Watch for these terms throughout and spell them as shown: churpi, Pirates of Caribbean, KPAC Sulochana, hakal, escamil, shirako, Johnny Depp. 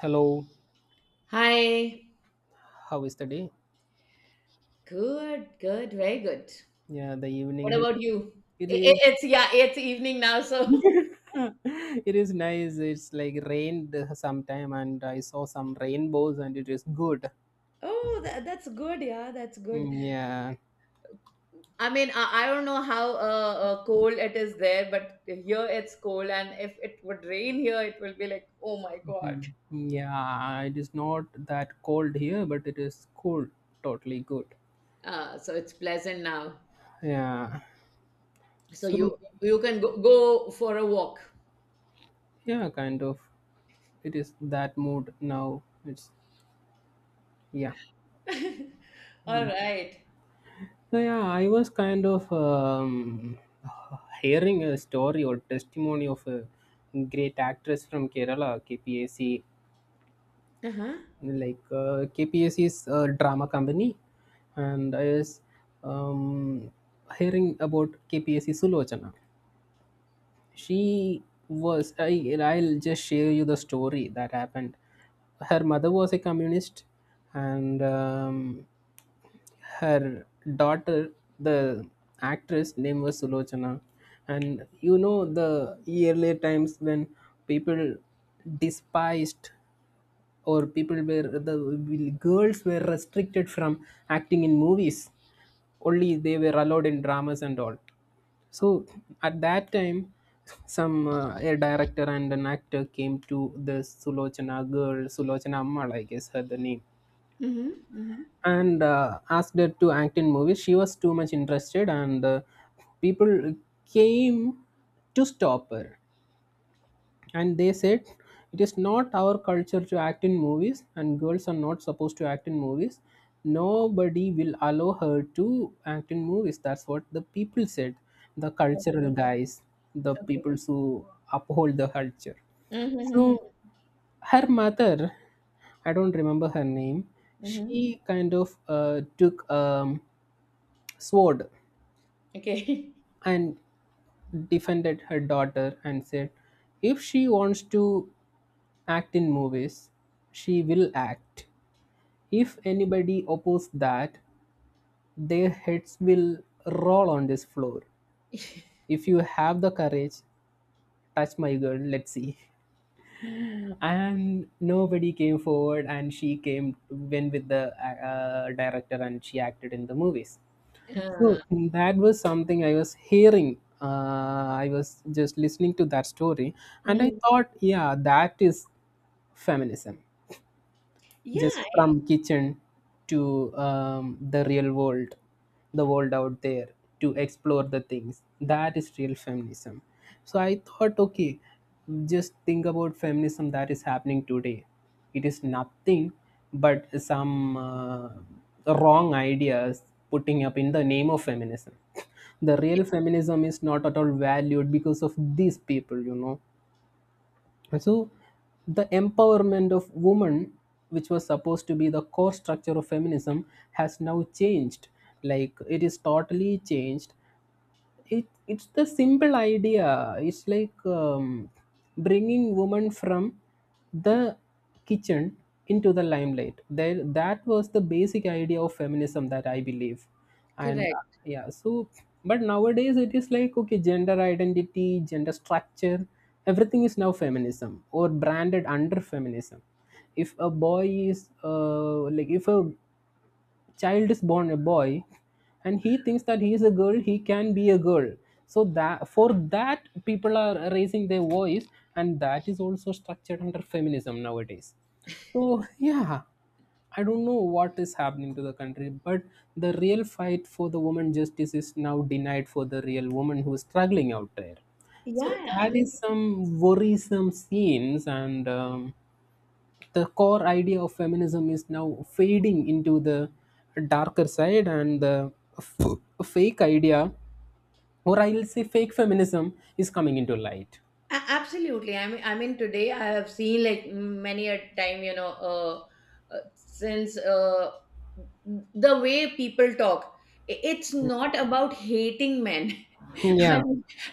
Hello, Hi. how is the day? Good, good, very good. Yeah, the What evening here. about you? It I is. i- it's, yeah, it's evening now, so. It is nice. It's like rained sometime, and I saw some rainbows, and it is good. Oh, that's good. Yeah, that's good. Mm. Yeah. I mean, I don't know how cold it is there, but here it's cold, and if it would rain here, it will be like, oh my God. Mhm. Yeah. It is not that cold here, but it is cool. Totally good. So it's pleasant now. Yeah. So you So you can go for a walk. yeah, kind of. It is that mood now. It's. Yeah. All Mm. right. So, yeah, I was kind of hearing a story or testimony of a great actress from Kerala, KPAC, Uh-huh. like KPAC is a drama company, and I was um, hearing about KPAC Sulochana. She was. I'll just share you the story that happened. Her mother was a communist, and her daughter, the actress name was Sulochana, and you know the earlier times, when people despised, or people were, the girls were restricted from acting in movies, only they were allowed in dramas and all. So at that time, some a director and an actor came to the Sulochana girl, Sulochana Ammal, I guess her the name, Mm-hmm. Mm-hmm. and asked her to act in movies. She was too much interested, and people came to stop her. And they said, it is not our culture to act in movies, and girls are not supposed to act in movies. Nobody will allow her to act in movies. That's what the people said, the cultural Okay. guys, the Okay. people who uphold the culture. Mm-hmm. So her mother, I don't remember her name, Mm-hmm. she kind of took a sword Okay. and defended her daughter and said, if she wants to act in movies, she will act. If anybody opposes that, their heads will roll on this floor. If you have the courage, touch my girl, let's see. And nobody came forward, and she came went with the director, and she acted in the movies. So Uh, that was something I was hearing. I was just listening to that story, and I Mhm. thought, yeah, that is feminism, just Yeah, from kitchen to the real world, the world out there, to explore the things, that is real feminism. So I thought, okay, just think about feminism that is happening today. It is nothing but some wrong ideas putting up in the name of feminism. The real feminism is not at all valued because of these people so, the empowerment of women, which was supposed to be the core structure of feminism, has now changed. Like, it is totally changed. It's the simple idea. It's like bringing women from the kitchen into the limelight there, that was the basic idea of feminism that I believe. And correct, yeah, so, but nowadays it is like, okay, gender identity, gender structure, everything is now feminism or branded under feminism. If a boy is like, if a child is born a boy and he thinks that he is a girl, he can be a girl. So that, for that, people are raising their voice, and that is also structured under feminism nowadays. So yeah, I don't know what is happening to the country, but the real fight for the woman justice is now denied for the real woman who is struggling out there. So yeah. I that is mean, some worrisome scenes, and the core idea of feminism is now fading into the darker side, and the fake idea, or I'll say fake feminism, is coming into light. Absolutely. I mean today I have seen, like, many a time, you know, since the way people talk. It's not about hating men. Yeah, I,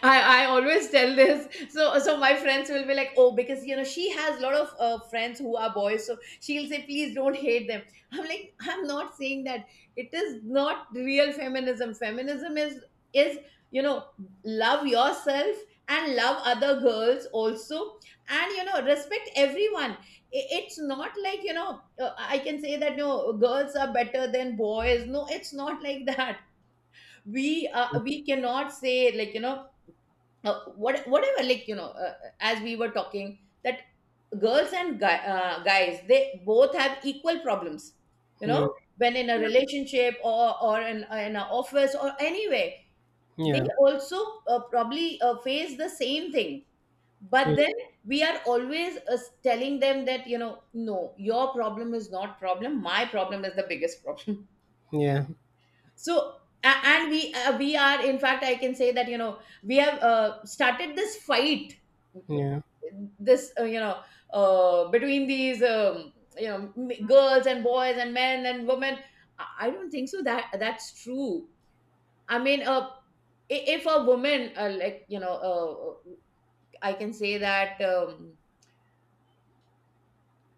I always tell this. So my friends will be like, "Oh, because, you know, she has a lot of friends who are boys," so she'll say, "Please don't hate them." I'm like, "I'm not saying that. It is not real feminism. Feminism is, you know, love yourself, and love other girls also, and, you know, respect everyone." It's not like, you know, I can say that no girls are better than boys. No, it's not like that. We cannot say, like, you know, whatever, like, you know, as we were talking, that girls and guys, they both have equal problems, you know, yeah, when in a relationship, or in an office, or anywhere. They yeah, also probably face the same thing, yeah, but then we are always telling them that, you know, "No, your problem is not problem, my problem is the biggest problem." yeah, So, and we are, in fact, I can say that, you know, we have started this fight, yeah, this, you know, between these, you know, girls and boys and men and women. I don't think so that that's true. I mean, if a woman, like, you know, I can say that,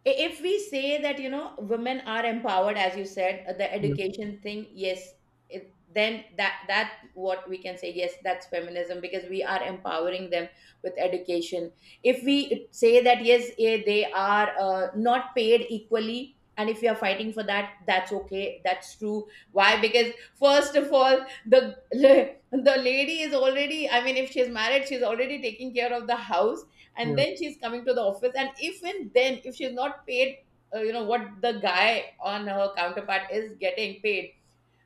if we say that, you know, women are empowered, as you said, the yeah, education thing, yes, then that what we can say, yes, that's feminism, because we are empowering them with education. If we say that, yes, they are not paid equally, and if you are fighting for that, that's okay, that's true. Why? Because first of all, the the lady is already, I mean, if she's married, she's already taking care of the house, and yeah, then she's coming to the office, and even then if she's not paid you know, what the guy on her counterpart is getting paid.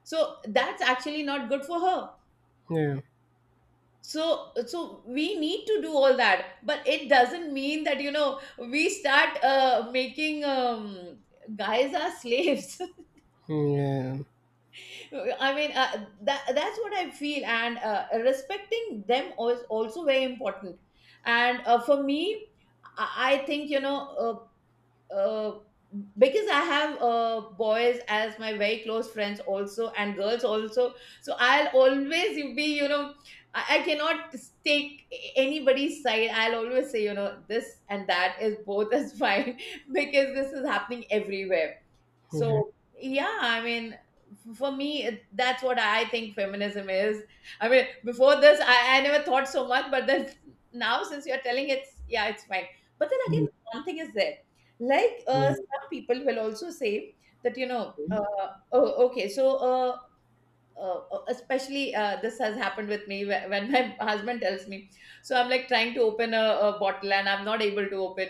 So that's actually not good for her. yeah, So we need to do all that, but it doesn't mean that, you know, we start making, guys are slaves. yeah, I mean, that's what I feel, and respecting them is also very important. And for me, I think, you know, uh, uh, because I have boys as my very close friends, also, and girls also. So I'll always be, you know, I cannot take anybody's side. I'll always say, you know, this and that is both is fine, because this is happening everywhere. yeah. So, yeah, I mean, for me, that's what I think feminism is. I mean, before this, I never thought so much, but then now, since you're telling, it's, yeah, it's fine. But then again, one thing is there. Like, Mhm. some people will also say that, you know, oh, okay, so, especially, this has happened with me when my husband tells me. So I'm like trying to open a bottle, and I'm not able to open.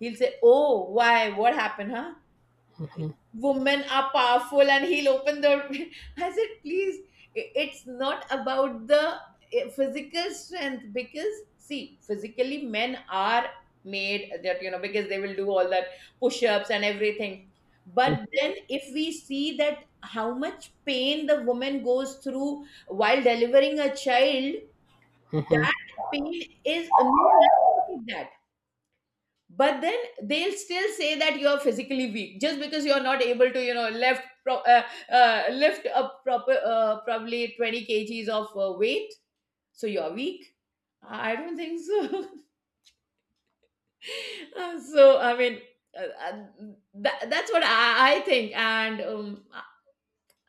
He'll say, "Oh, why? What happened, huh? Women are powerful," and he'll open the. I said, "Please, it's not about the physical strength, because, see, physically men are made that, you know, because they will do all that push-ups and everything. But then if we see that how much pain the woman goes through while delivering a child, Mhm. that pain is no man can take. But then they'll still say that you're physically weak just because you're not able to, you know, lift up proper probably 20 kg kgs of weight, so you're weak. I don't think so." So I mean, uh, uh, that's what I think. And i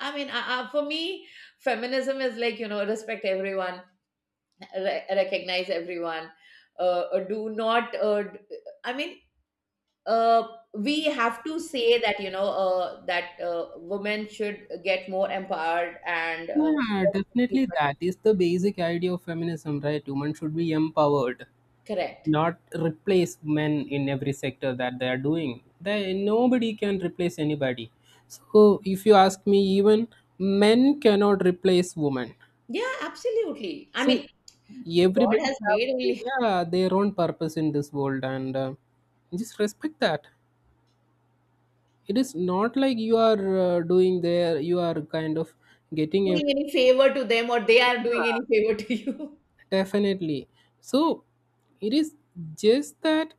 I mean, I, for me, feminism is, like, you know, respect everyone, recognize everyone, do not I mean, uh, we have to say that, you know, that women should get more empowered, and Yeah, definitely that is the basic idea of feminism, right? Women should be empowered, correct, not replace men in every sector that they are doing. They, nobody can replace anybody. So if you ask me, even men cannot replace women. yeah, absolutely. I So mean, God everybody has have, made only, yeah, their own purpose in this world, and just respect that. It is not like you are doing there, you are kind of getting doing every, any favor to them or they are doing any favor to you. definitely. So it is just that.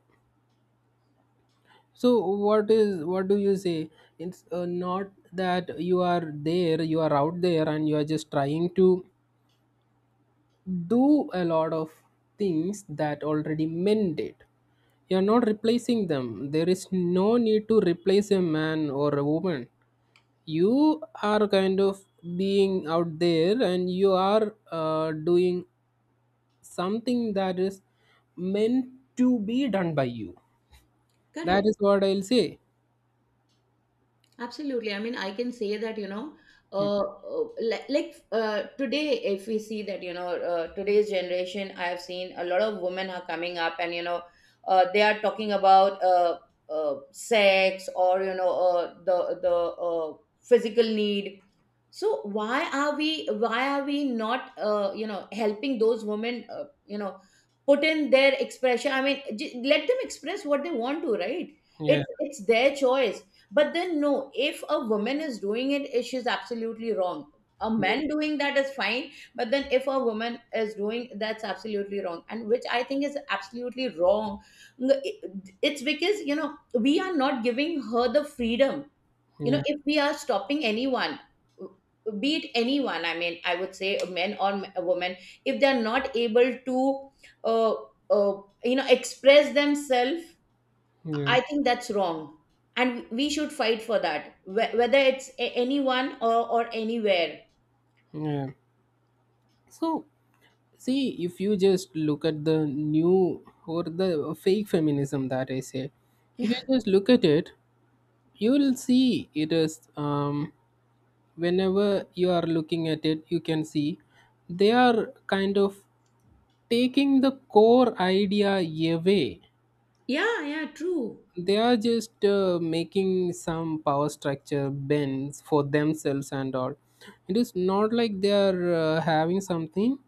So what is, what do you say? It's not that you are there, you are out there, and you are just trying to do a lot of things that already men did. You are not replacing them. There is no need to replace a man or a woman. You are kind of being out there, and you are doing something that is meant to be done by you. That Correct. is what I'll say. Absolutely. I mean, I can say that, you know, Mm. Like, today, if we see that, you know, today's generation, I have seen a lot of women are coming up, and, you know, they are talking about sex, or, you know, the physical need. So why are we not you know, helping those women? You know, put in their expression. I mean, let them express what they want to, right? Yeah. It's their choice. But then no, if a woman is doing it, she's absolutely wrong. A Yeah. man doing that is fine, but then if a woman is doing, that's absolutely wrong, and which I think is absolutely wrong. It's because, you know, we are not giving her the freedom. You know, Yeah. if we are stopping anyone, be it anyone, I mean, I would say a man or a woman, if they're not able to uh, you know, express themselves, Yeah, I think that's wrong, and we should fight for that, whether it's anyone or anywhere. yeah. So, see, if you just look at the new or the fake feminism that I say, if you just look at it, you will see it is, whenever you are looking at it, you can see they are kind of taking the core idea away. Yeah, yeah, true. They are just making some power structure bends for themselves and all. It is not like they are having something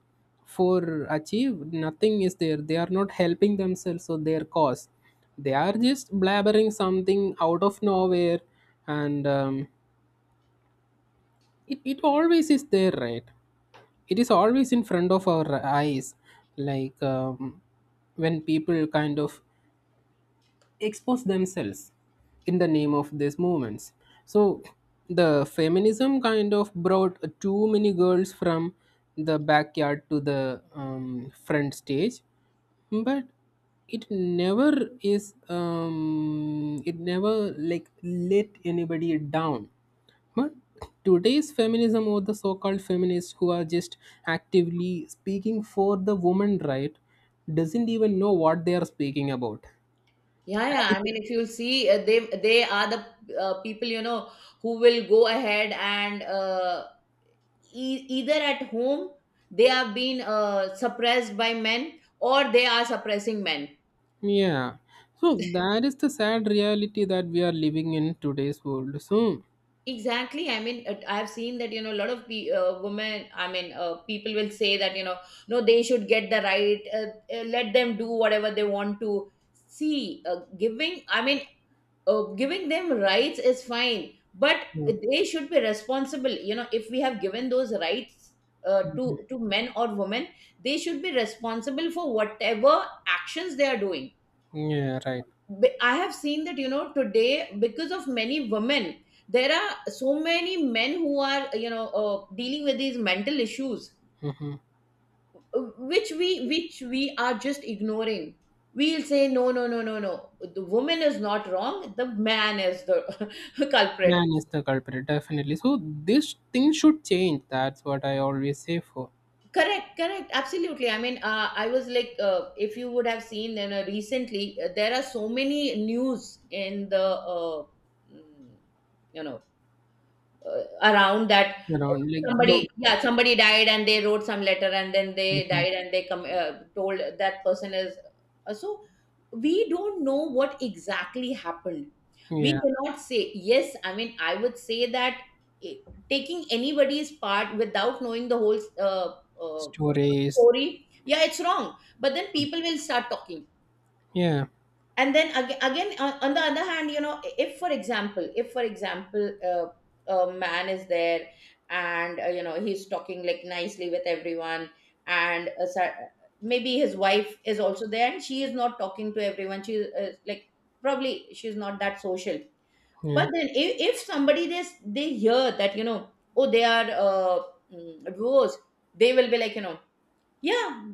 for achieve. Nothing is there. They are not helping themselves or their cause. They are just blabbering something out of nowhere, and it always is there, right? It is always in front of our eyes, like. When people kind of expose themselves in the name of these movements. So the feminism kind of brought too many girls from the backyard to the front stage, but it never is, it never like let anybody down. But today's feminism, or the so-called feminists who are just actively speaking for the woman right, doesn't even know what they are speaking about. Yeah, That yeah, is. I mean, if you'll see, they are the people, you know, who will go ahead and, either at home they have been suppressed by men, or they are suppressing men. Yeah. So that is the sad reality that we are living in today's world. So, Exactly. I mean, I have seen that, you know, a lot of women, I mean, people will say that, you know, no, they should get the right. Let them do whatever they want to. See, giving I mean oh, giving them rights is fine, but yeah. they should be responsible. You know, if we have given those rights Mhm. to men or women, they should be responsible for whatever actions they are doing. Yeah, right. I have seen that, you know, today, because of many women, there are so many men who are, you know, dealing with these mental issues, Hmm. Which we are just ignoring. We'll say, "No, no, no, no, no. The woman is not wrong. The man is the culprit." Man is the culprit, definitely. So this thing should change. That's what I always say for, Correct, correct, absolutely. I mean, I was like, if you would have seen, then recently there are so many news in the mm, you know, around that, uh, around, like, the. somebody died, and they wrote some letter, and then they Mhm. died, and they come told that person is, so we don't know what exactly happened. We Yeah. cannot say, yes, I mean, I would say that, eh, taking anybody's part without knowing the whole uh, uh, Stories. story, yeah, it's wrong, but then people will start talking. Yeah, And then again, on the other hand, you know, if for example, a man is there, and you know, he's talking like nicely with everyone, and maybe his wife is also there, and she is not talking to everyone, she is, like, probably she's not that social. yeah. But then if somebody this, they hear that, you know, "Oh, they are divorced," they will be like, you know, yeah,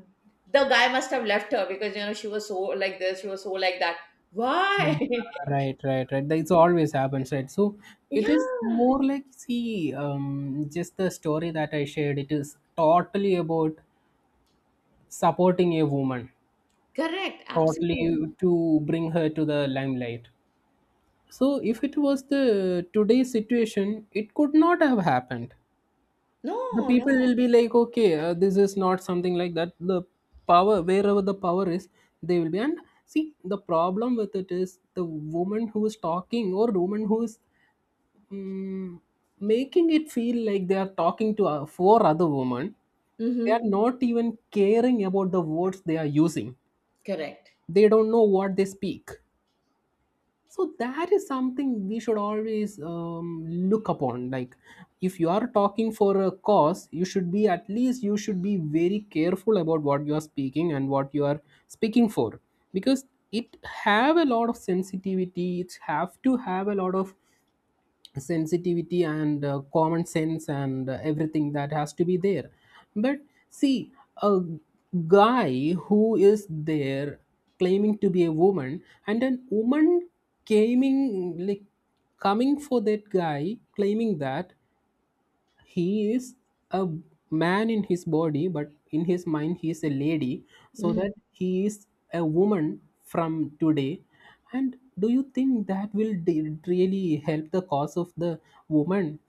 the guy must have left her because, you know, she was so like this, she was so like that. Why? Mm. Right, right, right. That's always happens, right? So it is Yeah, more like, see, just the story that I shared. It is totally about supporting a woman, correct, absolutely. totally to bring her to the limelight. So if it was the today's situation, it could not have happened. The No, people no. will be like, okay, this is not something like that. The power, wherever the power is, they will be. And see, the problem with it is the woman who is talking, or woman who is mm making it feel like they are talking to four other women. They are Mm-hmm. not even caring about the words they are using. Correct. They don't know what they speak. So that is something we should always look upon, like, if you are talking for a cause, you should be, at least you should be very careful about what you are speaking and what you are speaking for, because it have a lot of sensitivity, it have to have a lot of sensitivity and common sense and everything that has to be there. But see, a guy who is there claiming to be a woman, and a woman claiming, like, coming for that guy, claiming that he is a man in his body but in his mind he is a lady, so Mm-hmm. that he is a woman from today, and do you think that will really help the cause of the woman?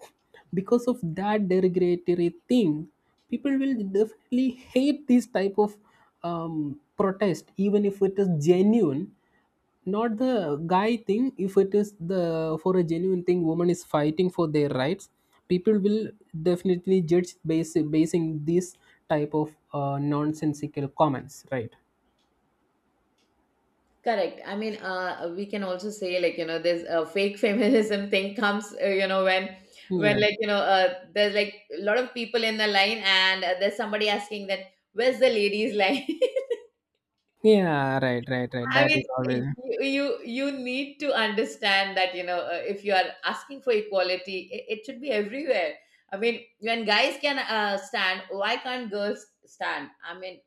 Because of that derogatory thing, people will definitely hate this type of protest even if it is genuine. Not the guy thing, if it is the, for a genuine thing, woman is fighting for their rights, people will definitely judge basing these type of nonsensical comments, right? Correct. I mean, we can also say, like, you know, there's a fake feminism thing comes. You know, when Yeah. when like, you know, there's, like, a lot of people in the line, and there's somebody asking that, "Where's the ladies line?" Yeah, right, right, right, I that mean, is always. y- you you need to understand that, you know, if you are asking for equality, it should be everywhere. I mean, when guys can, stand, why can't girls stand? I mean,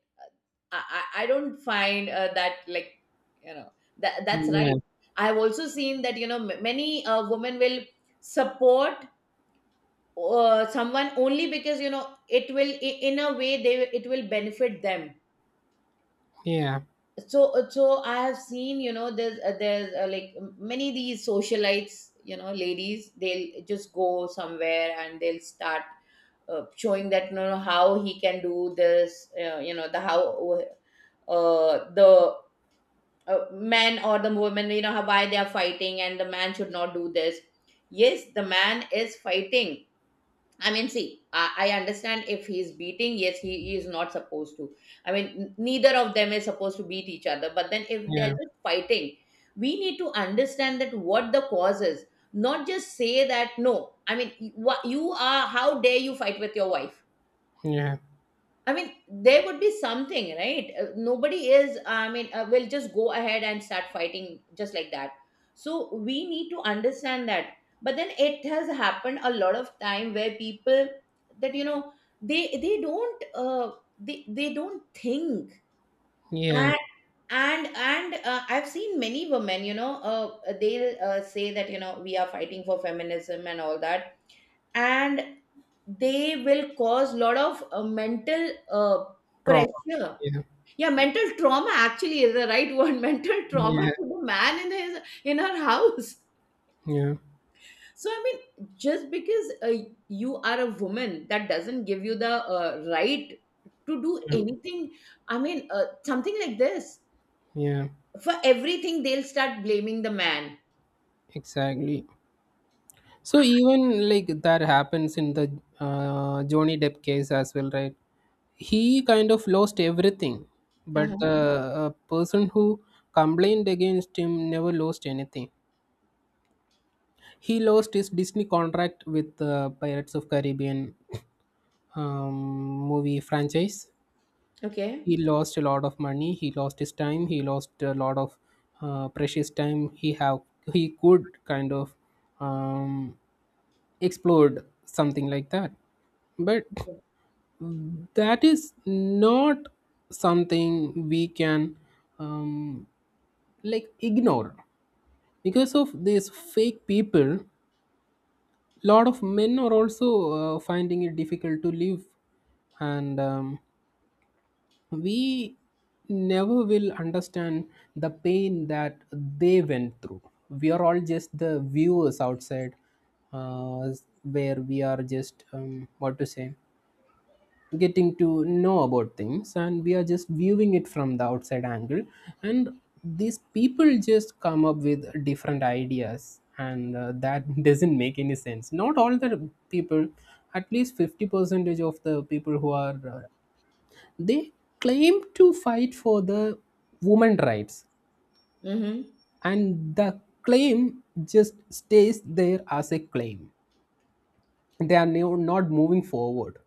I don't find, that, like, you know, that that's Yeah, right. I have also seen that you know m- many women will support someone only because you know it will in a way they it will benefit them. yeah, So I have seen there's like many these socialites, you know, ladies, they'll just go somewhere and they'll start showing that you know how he can do this, you know the how the men or the women. You know how why they are fighting and the man should not do this. Yes, the man is fighting. I mean, see, I understand if he's beating, yes, he is not supposed to. I mean, neither of them is supposed to beat each other. But then if they're yeah, just fighting, we need to understand that what the cause is, not just say that, no, I mean, you, you are, how dare you fight with your wife? yeah, I mean, there would be something, right? Nobody is, I mean, will just go ahead and start fighting just like that. So we need to understand that. But then it has happened a lot of time where people that you know they don't they don't think. yeah. And I've seen many women, you know, they'll say that you know we are fighting for feminism and all that, and they will cause a lot of mental Trauma. pressure. Yeah, Yeah, mental trauma actually is the right word. Mental trauma yeah, to the man in his in her house. yeah, So just because you are a woman, that doesn't give you the right to do anything. Something like this, yeah. for everything they'll start blaming the man. Exactly. So even like that happens in the Johnny Depp case as well, right? He kind of lost everything, but Uh-huh. the person who complained against him never lost anything. He lost his Disney contract with the Pirates of Caribbean movie franchise. Okay. He lost a lot of money. He lost his time. He lost a lot of precious time he have. He could kind of um, explored something like that, but that is not something we can um, like ignore, because of these fake people. Lot of men are also finding it difficult to live, and we never will understand the pain that they went through. We are all just the viewers outside, uh, where we are just, what to say, getting to know about things, and we are just viewing it from the outside angle. And these people just come up with different ideas, and that doesn't make any sense. Not all the people, at least 50 percentage of the people who are, they claim to fight for the women rights, Mm-hmm. and the claim just stays there as a claim, they are not moving forward.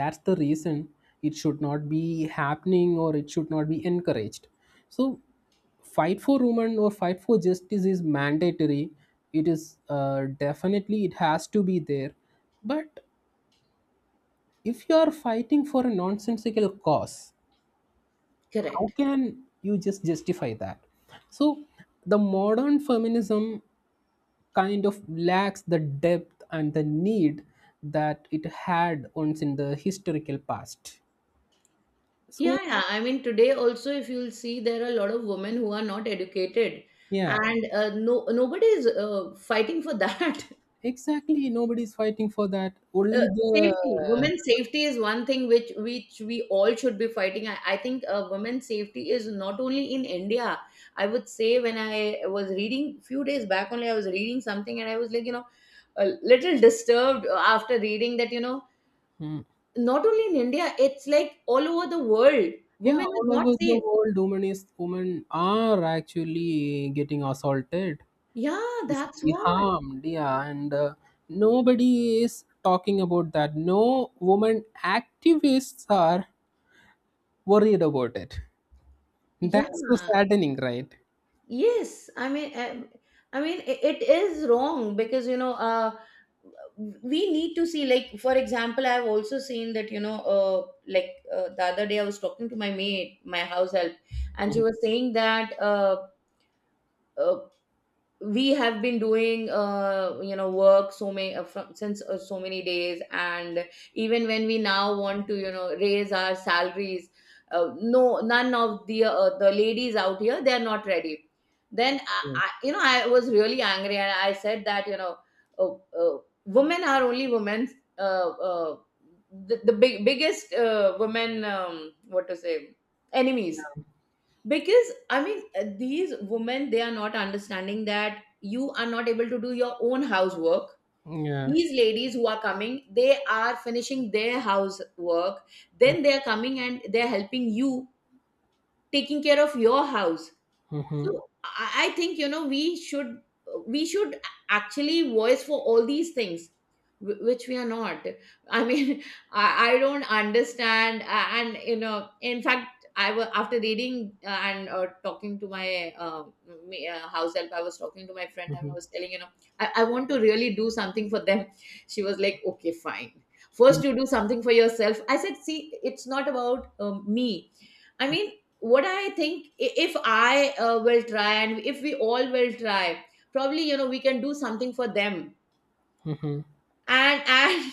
That's the reason it should not be happening or it should not be encouraged. So fight for women or fight for justice is mandatory. It is definitely, it has to be there. But if you are fighting for a nonsensical cause, how Correct. can you just justify that? So the modern feminism kind of lacks the depth and the need that it had once in the historical past. So, Yeah, yeah. I mean, today also, if you'll see, there are a lot of women who are not educated, yeah, and no, nobody is fighting for that. exactly. Nobody's fighting for that. Uh, Only Safety, the. women's safety is one thing which we all should be fighting. I think women's safety is not only in India. I would say when I was reading few days back only, I was reading something and I was like, you know, a little disturbed after reading that, you know, Hmm. not only in India, it's like all over the world, Yeah, women is all not over the safe. world, women, are actually getting assaulted, Yeah, that's physically what. harmed. Yeah, and nobody is talking about that. No woman activists are worried about it. Yeah, That's so saddening, right? yes. I mean, it is wrong because you know, we need to see. Like, for example, I've also seen that you know, the other day I was talking to my mate, my house help, and she was saying that uh, we have been doing you know work so many from, since so many days, and even when we now want to you know raise our salaries, no, none of the ladies out here, they are not ready. Then Mhm. I you know I was really angry and I said that uh, uh, women are only women, uh, uh, the biggest women, what to say, enemies. Because these women, they are not understanding that you are not able to do your own housework. Yeah. These ladies who are coming, they are finishing their housework, Mm. then they are coming and they are helping you, taking care of your house. Mhm. So I think you know we should, we should actually voice for all these things, which we are not. i mean i, I don't understand. A- and you know, in fact, I was after reading and talking to my house help, I was talking to my friend and I Mhm. was telling you know I want to really do something for them. She was like, okay, fine, Mm. first you do something for yourself. I said, see, it's not about me. I mean, what I think, if I will try and if we all will try, probably you know we can do something for them. Mhm. And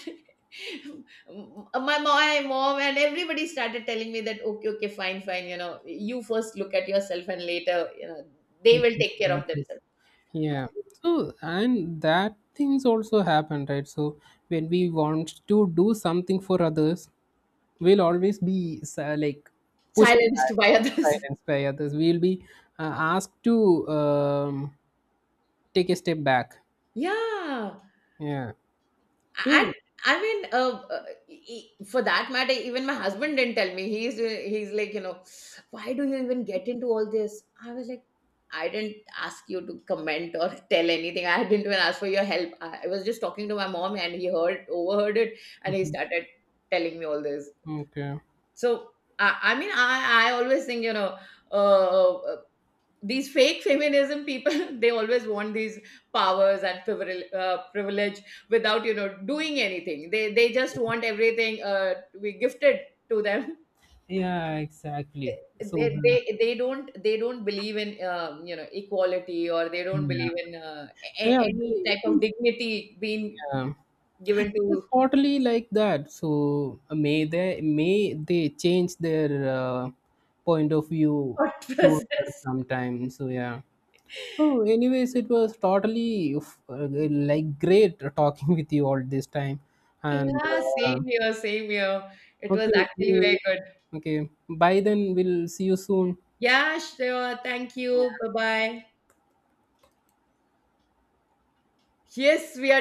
my mom and everybody started telling me that okay, okay, fine, fine, you know, you first look at yourself and later you know they You will can take care do of this. themselves. Yeah. So and that things also happen, right? So when we want to do something for others, we'll always be like pushed back, Silenced by others. silenced by others. We'll be uh, asked to um, take a step back. Yeah. Yeah. And Oh. I mean, for that matter, even my husband didn't tell me. He's like, you know, why do you even get into all this? I was like, I didn't ask you to comment or tell anything. I didn't even ask for your help. I was just talking to my mom, and he heard overheard it, and he Mhm. started telling me all this. Okay. So I always think, you know. Uh, uh, these fake feminism people they always want these powers and privilege without you know doing anything. They just want everything to be gifted to them. Yeah. Exactly. So they, the, they they don't, they don't believe in you know equality, or they don't yeah. believe in Yeah. Any It type of is. dignity being Yeah. given It's to totally like that. So may they change their uh, point of view thought sooner process. sometime. So yeah. Oh, anyways, it was totally like great talking with you all this time. And Yeah, uh, same here, same here. It was okay, actually anyway, very good. okay. Bye then. We'll see you soon. Yeah, sure, thank you, bye bye. Yes, we are.